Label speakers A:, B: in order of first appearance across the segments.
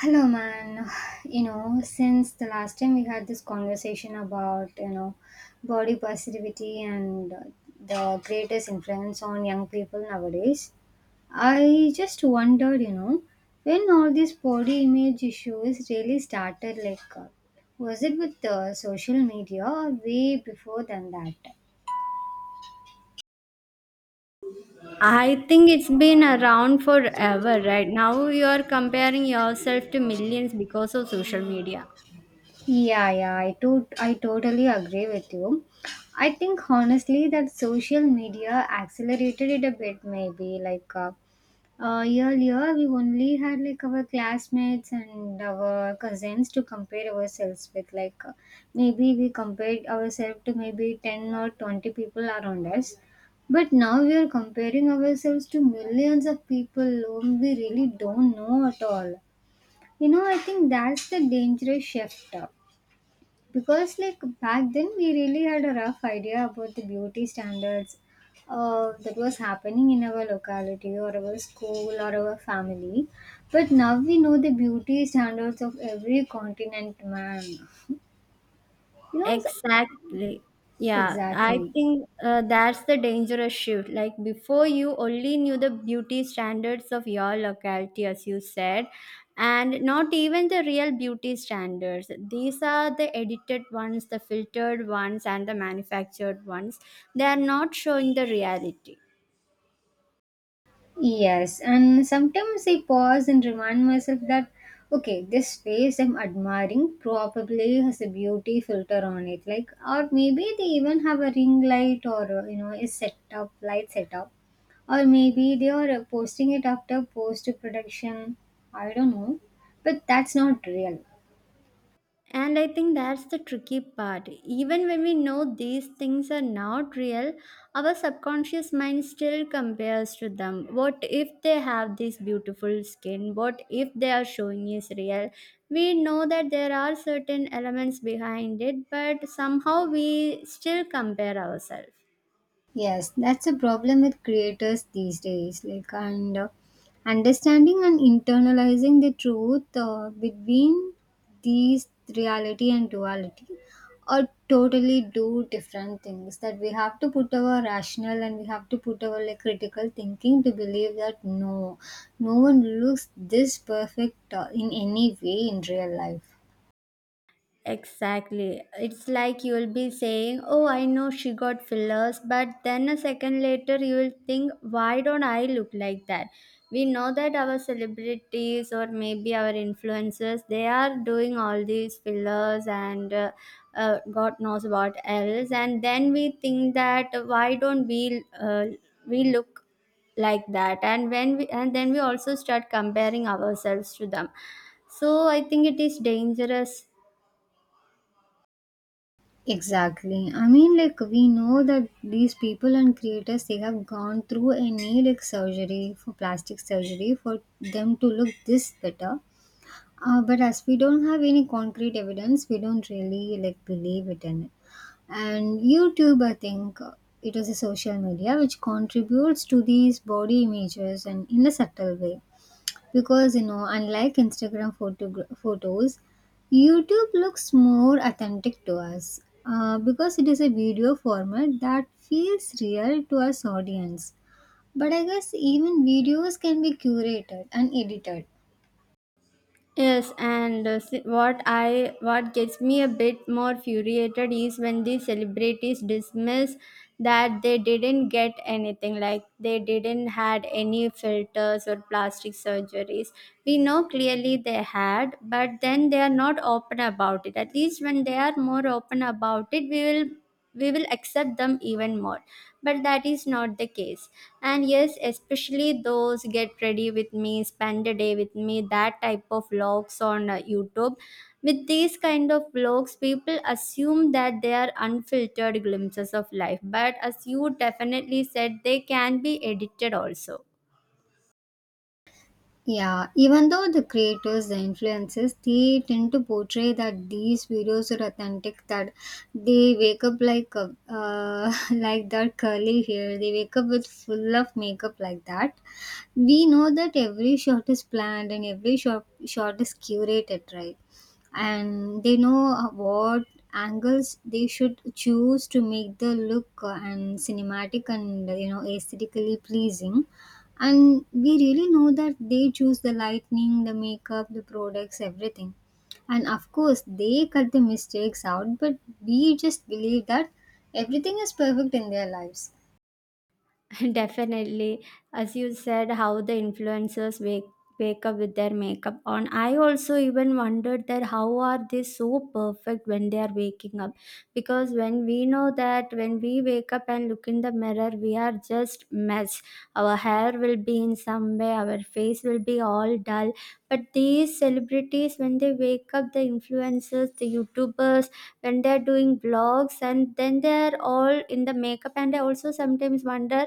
A: Hello, man. You know, since the last time we had this conversation about, you know, body positivity and the greatest influence on young people nowadays, I just wondered, you know, when all these body image issues really started, like, was it with social media or way before than that?
B: I think it's been around forever, right? Now you are comparing yourself to millions because of social media.
A: Yeah, yeah, I totally agree with you. I think honestly that social media accelerated it a bit, maybe. Earlier, we only had like our classmates and our cousins to compare ourselves with. Maybe we compared ourselves to maybe 10 or 20 people around us. But now we are comparing ourselves to millions of people whom we really don't know at all. You know, I think that's the dangerous shift. Because like back then we really had a rough idea about the beauty standards that was happening in our locality or our school or our family, but now we know the beauty standards of every continent, man. Know s-
B: Exactly. Yeah, I
A: exactly.
B: think that's the dangerous shift. Like before, you only knew the beauty standards of your locality, as you said, and not even the real beauty standards. These are the edited ones, the filtered ones, and the manufactured ones. They are not showing the reality.
A: Yes, and sometimes I pause and remind myself that okay, this face I'm admiring probably has a beauty filter on it, like, or maybe they even have a ring light, or you know, a setup, light setup, or maybe they are posting it after post production. I don't know, but that's not real.
B: And I think that's the tricky part. Even when we know these things are not real, our subconscious mind still compares to them. What if they have this beautiful skin? What if they are showing is real? We know that there are certain elements behind it, but somehow we still compare ourselves.
A: Yes, that's a problem with creators these days. Like, and Understanding and internalizing the truth between these reality and duality are totally do different things. That we have to put our rational and we have to put our like critical thinking to believe that no, no one looks this perfect in any way in real life.
B: Exactly. It's like you'll be saying, "Oh, I know she got fillers," but then a second later you will think, "Why don't I look like that?" We know that our celebrities or maybe our influencers, they are doing all these fillers and God knows what else. And then we think that why don't we look like that? And when we and then we also start comparing ourselves to them. So I think it is dangerous.
A: Exactly. I mean, like, we know that these people and creators, they have gone through a knee like surgery for plastic surgery for them to look this better. But as we don't have any concrete evidence, we don't really like believe it in it. And YouTube, I think it is a social media which contributes to these body images, and in a subtle way, because you know, unlike Instagram photos, YouTube looks more authentic to us, because it is a video format that feels real to us audience, but I guess even videos can be curated and edited.
B: Yes, and what gets me a bit more furiated is when these celebrities dismiss that they didn't get anything, like they didn't had any filters or plastic surgeries. We know clearly they had, but then they are not open about it. At least when they are more open about it, we will accept them even more, but that is not the case. And yes, especially those "get ready with me," "spend a day with me," that type of vlogs on YouTube. With these kind of vlogs, people assume that they are unfiltered glimpses of life, but as you definitely said, they can be edited also.
A: Yeah, even though the creators, the influences, they tend to portray that these videos are authentic. That they wake up like a, like that curly hair. They wake up with full of makeup like that. We know that every shot is planned and every shot is curated, right? And they know what angles they should choose to make the look and cinematic and you know aesthetically pleasing, and we really know that they choose the lighting, the makeup, the products, everything. And of course they cut the mistakes out, but we just believe that everything is perfect in their lives.
B: Definitely. As you said, how the influencers wake up with their makeup on. I also even wondered that how are they so perfect when they are waking up? Because when we know that when we wake up and look in the mirror, we are just mess. Our hair will be in some way, our face will be all dull. But these celebrities, when they wake up, the influencers, the YouTubers, when they are doing vlogs, and then they are all in the makeup. And I also sometimes wonder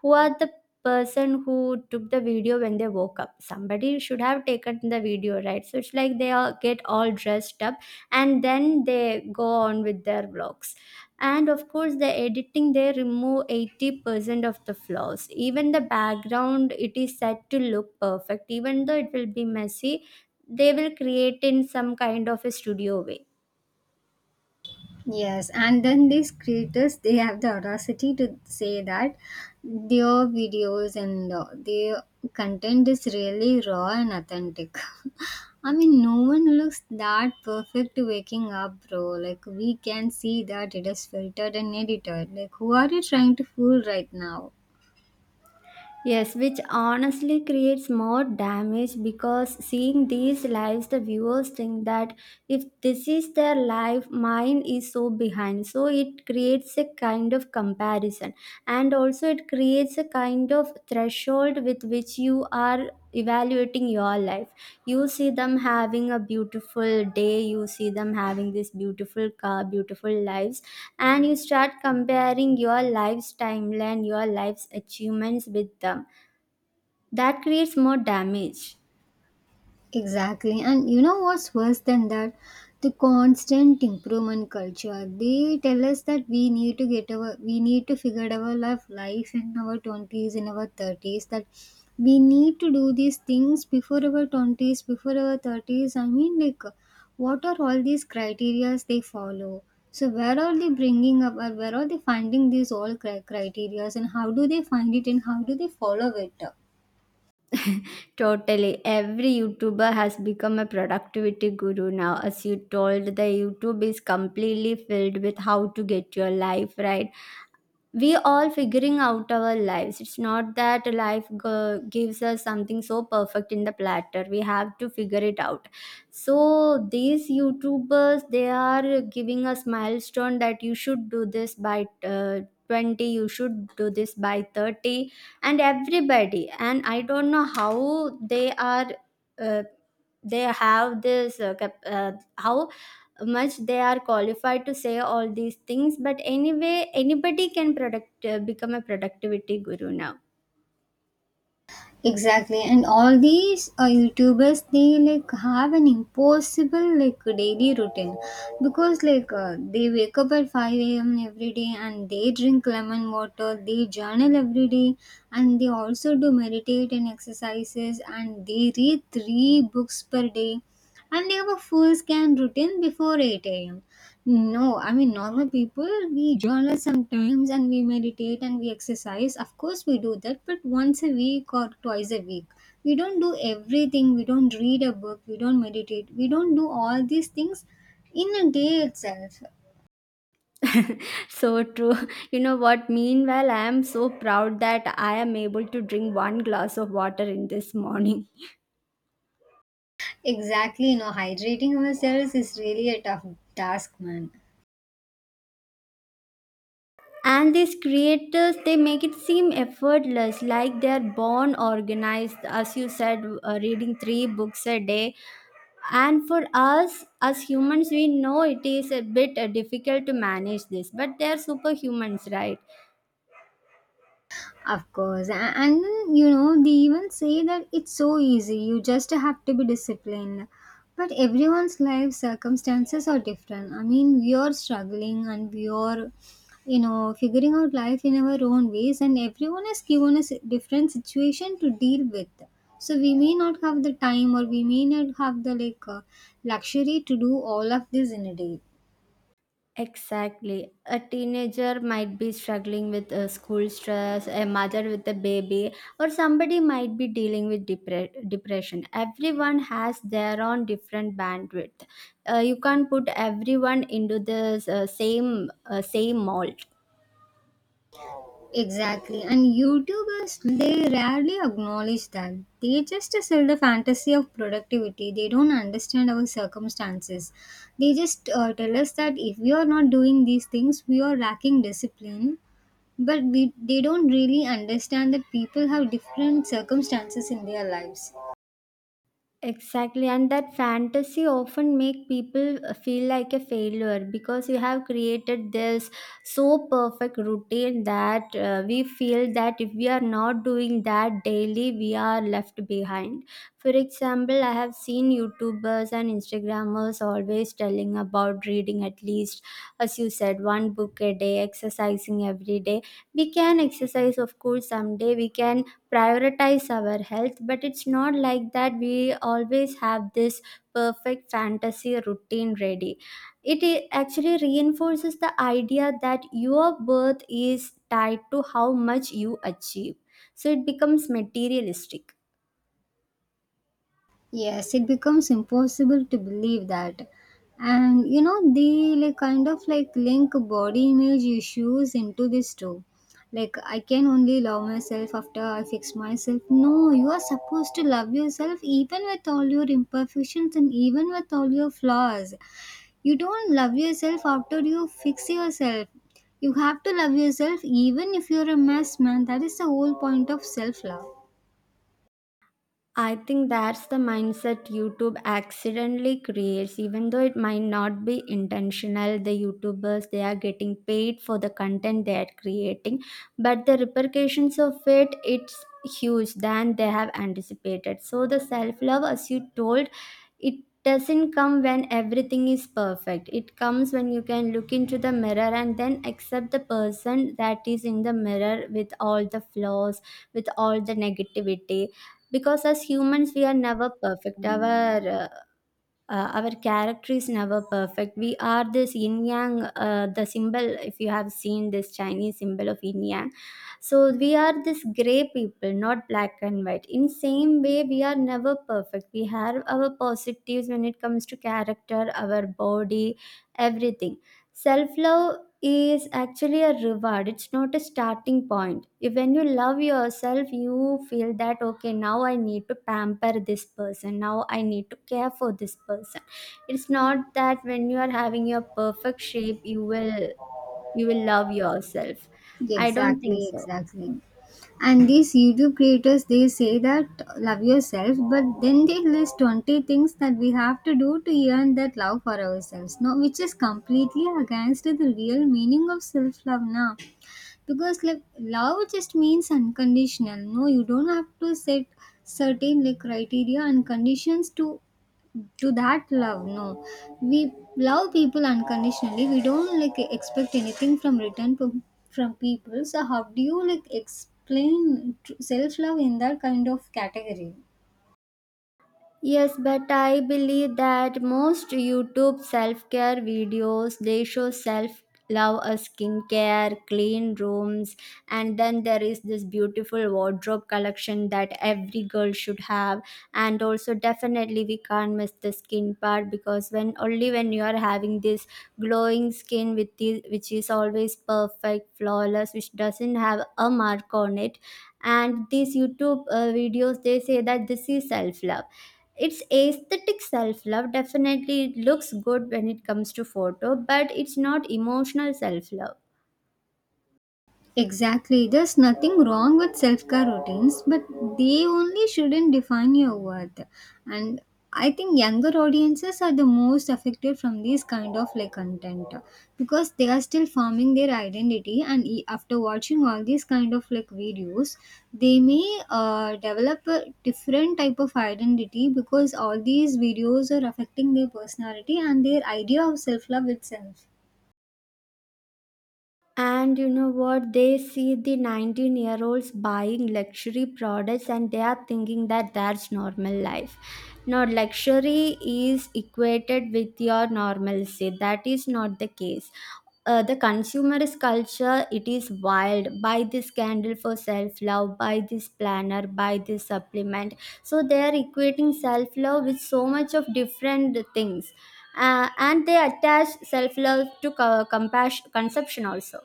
B: who are the person who took the video when they woke up. Somebody should have taken the video, right? So it's like they all get all dressed up and then they go on with their vlogs. And of course, the editing, they remove 80% of the flaws. Even the background, it is set to look perfect even though it will be messy. They will create in some kind of a studio way.
A: Yes, and then these creators they have the audacity to say that their videos and their content is really raw and authentic. I mean, no one looks that perfect waking up, bro. Like, we can see that it is filtered and edited. Like, who are you trying to fool right now?
B: Yes, which honestly creates more damage, because seeing these lives, the viewers think that if this is their life, mine is so behind. So it creates a kind of comparison, and also it creates a kind of threshold with which you are evaluating your life. You see them having a beautiful day, you see them having this beautiful car, beautiful lives, and you start comparing your life's timeline, your life's achievements with them. That creates more damage.
A: Exactly. And you know what's worse than that? The constant improvement culture. They tell us that we need to figure out our life in our twenties, in our thirties, that we need to do these things before our twenties, before our thirties. I mean, like, what are all these criterias they follow? So where are they bringing up, or where are they finding these all criterias, and how do they find it, and how do they follow it?
B: Totally. Every YouTuber has become a productivity guru now. As you told, the YouTube is completely filled with how to get your life right. We all figuring out our lives. It's not that life gives us something so perfect in the platter, we have to figure it out. So these youtubers, they are giving us milestone that you should do this by 20, you should do this by 30. And everybody, and I don't know how they are uh, they have this cap- how much they are qualified to say all these things. But anyway, anybody can product become a productivity guru now.
A: Exactly, and all these YouTubers they like have an impossible like daily routine, because they wake up at 5 a.m. every day and they drink lemon water, they journal every day, and they also do meditate and exercises, and they read three books per day, and they have a full scan routine before 8 a.m. No, I mean, normal people we journal sometimes and we meditate and we exercise. Of course we do that, but once a week or twice a week. We don't do everything, we don't read a book, we don't meditate, we don't do all these things in a day itself.
B: So true. You know what, meanwhile I am so proud that I am able to drink one glass of water in this morning.
A: Exactly. No, hydrating ourselves is really a tough task, man.
B: And these creators, they make it seem effortless, like they're born organized, as you said, reading three books a day. And for us, as humans, we know it is a bit difficult to manage this, but they're superhumans, right?
A: Of course. And then, you know, they even say that it's so easy, you just have to be disciplined. But everyone's life circumstances are different. I mean, we are struggling and we are, you know, figuring out life in our own ways, and everyone is given a different situation to deal with. So we may not have the time, or we may not have the like luxury to do all of this in a day.
B: Exactly. A teenager might be struggling with school stress, a mother with a baby, or somebody might be dealing with depression. Everyone has their own different bandwidth. You can't put everyone into the same mold.
A: Exactly. And YouTubers, they rarely acknowledge that. They just sell the fantasy of productivity. They don't understand our circumstances. They just tell us that if we are not doing these things, we are lacking discipline. They don't really understand that people have different circumstances in their lives.
B: Exactly, and that fantasy often make people feel like a failure because you have created this so perfect routine that we feel that if we are not doing that daily, we are left behind. For example, I have seen YouTubers and Instagrammers always telling about reading at least, as you said, one book a day, exercising every day. We can exercise, of course, someday we can prioritize our health, but it's not like that we always have this perfect fantasy routine ready. It actually reinforces the idea that your worth is tied to how much you achieve. So it becomes materialistic.
A: Yes, it becomes impossible to believe that. And you know, they like kind of like link body image issues into this too. Like, I can only love myself after I fix myself. No, you are supposed to love yourself even with all your imperfections and even with all your flaws. You don't love yourself after you fix yourself. You have to love yourself even if you're a mess, man. That is the whole point of self love.
B: I think that's the mindset YouTube accidentally creates, even though it might not be intentional. The YouTubers, they are getting paid for the content they are creating, but the repercussions of it's huge than they have anticipated. So the self love, as you told, it doesn't come when everything is perfect. It comes when you can look into the mirror and then accept the person that is in the mirror with all the flaws, with all the negativity, because as humans we are never perfect. Our our character is never perfect. We are this yin yang, the symbol, if you have seen this Chinese symbol of yin yang. So we are this gray people, not black and white. In same way, we are never perfect. We have our positives when it comes to character, our body, everything. Self love is actually a reward, it's not a starting point. If when you love yourself, you feel that, okay, now I need to pamper this person, now I need to care for this person. It's not that when you are having your perfect shape you will love yourself.
A: Yeah,
B: I don't think
A: exactly,
B: so.
A: exactly. And these YouTube creators, they say that love yourself, but then they list 20 things that we have to do to earn that love for ourselves, no? Which is completely against the real meaning of self love now. Because, like, love just means unconditional, no? You don't have to set certain, like, criteria and conditions to that love, no. We love people unconditionally, we don't like expect anything from return from people, so how do you like explain self love in that kind of category?
B: Yes, but I believe that most YouTube self-care videos, they show self love, a skincare, clean rooms, and then there is this beautiful wardrobe collection that every girl should have. And also, definitely we can't miss the skin part, because when only when you are having this glowing skin which is always perfect, flawless, which doesn't have a mark on it. And these YouTube videos, they say that this is self love. It's aesthetic self love, definitely it looks good when it comes to photo, but it's not emotional self love.
A: Exactly. There's nothing wrong with self care routines, but they only shouldn't define your worth. And I think younger audiences are the most affected from these kind of like content, because they are still forming their identity. And after watching all these kind of like videos, they may develop a different type of identity, because all these videos are affecting their personality and their idea of self love itself.
B: And you know what? They see the 19-year-olds buying luxury products and they are thinking that that's normal life. Now, luxury is equated with your normalcy. That is not the case. The consumerist culture, it is wild. Buy this candle for self-love, buy this planner, buy this supplement. So they are equating self-love with so much of different things. And they attach self-love to compassion, conception also.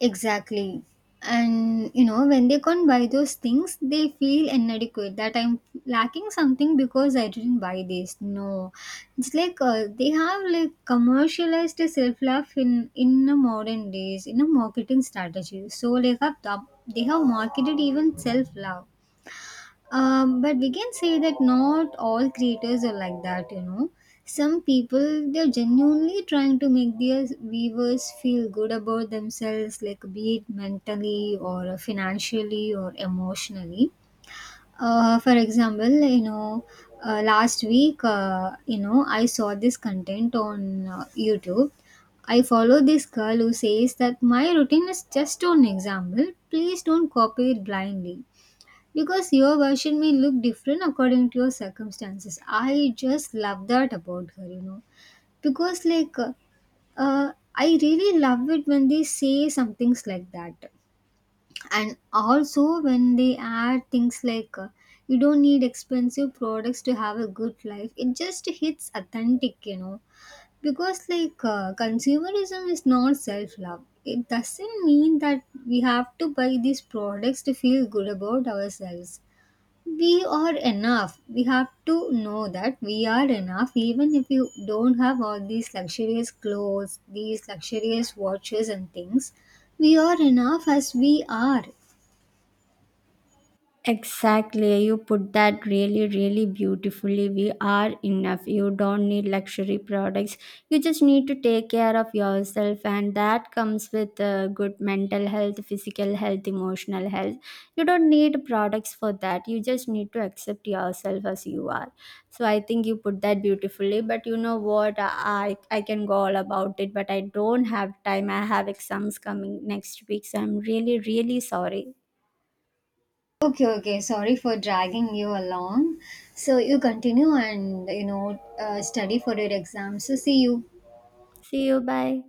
A: Exactly. And you know, when they can't buy those things, they feel inadequate, that I'm lacking something because I didn't buy this. No, it's like they have like commercialized self love in a modern days in a marketing strategy. So like have they have marketed even self love. But we can say that not all creators are like that, you know. Some people they're genuinely trying to make their viewers feel good about themselves, like be it mentally or financially or emotionally. For example, you know, last week, you know, I saw this content on YouTube. I follow this girl who says that my routine is just an example. Please don't copy it blindly, because your version may look different according to your circumstances. I just love that about her, you know. Because, like, I really love it when they say some things like that. And also when they add things like, you don't need expensive products to have a good life. It just hits authentic, you know. Because, like, consumerism is not self love. It doesn't mean that we have to buy these products to feel good about ourselves, we are enough. We have to know that we are enough, even if you don't have all these luxurious clothes, these luxurious watches, and things. We are enough as we are.
B: Exactly, you put that really, really beautifully. We are enough. You don't need luxury products. You just need to take care of yourself, and that comes with good mental health, physical health, emotional health. You don't need products for that. You just need to accept yourself as you are. So I think you put that beautifully. But you know what? I can go all about it, but I don't have time. I have exams coming next week, so I'm really, really sorry.
A: Okay, okay. Sorry for dragging you along. So you continue and you know study for your exams. So see you.
B: See you. Bye.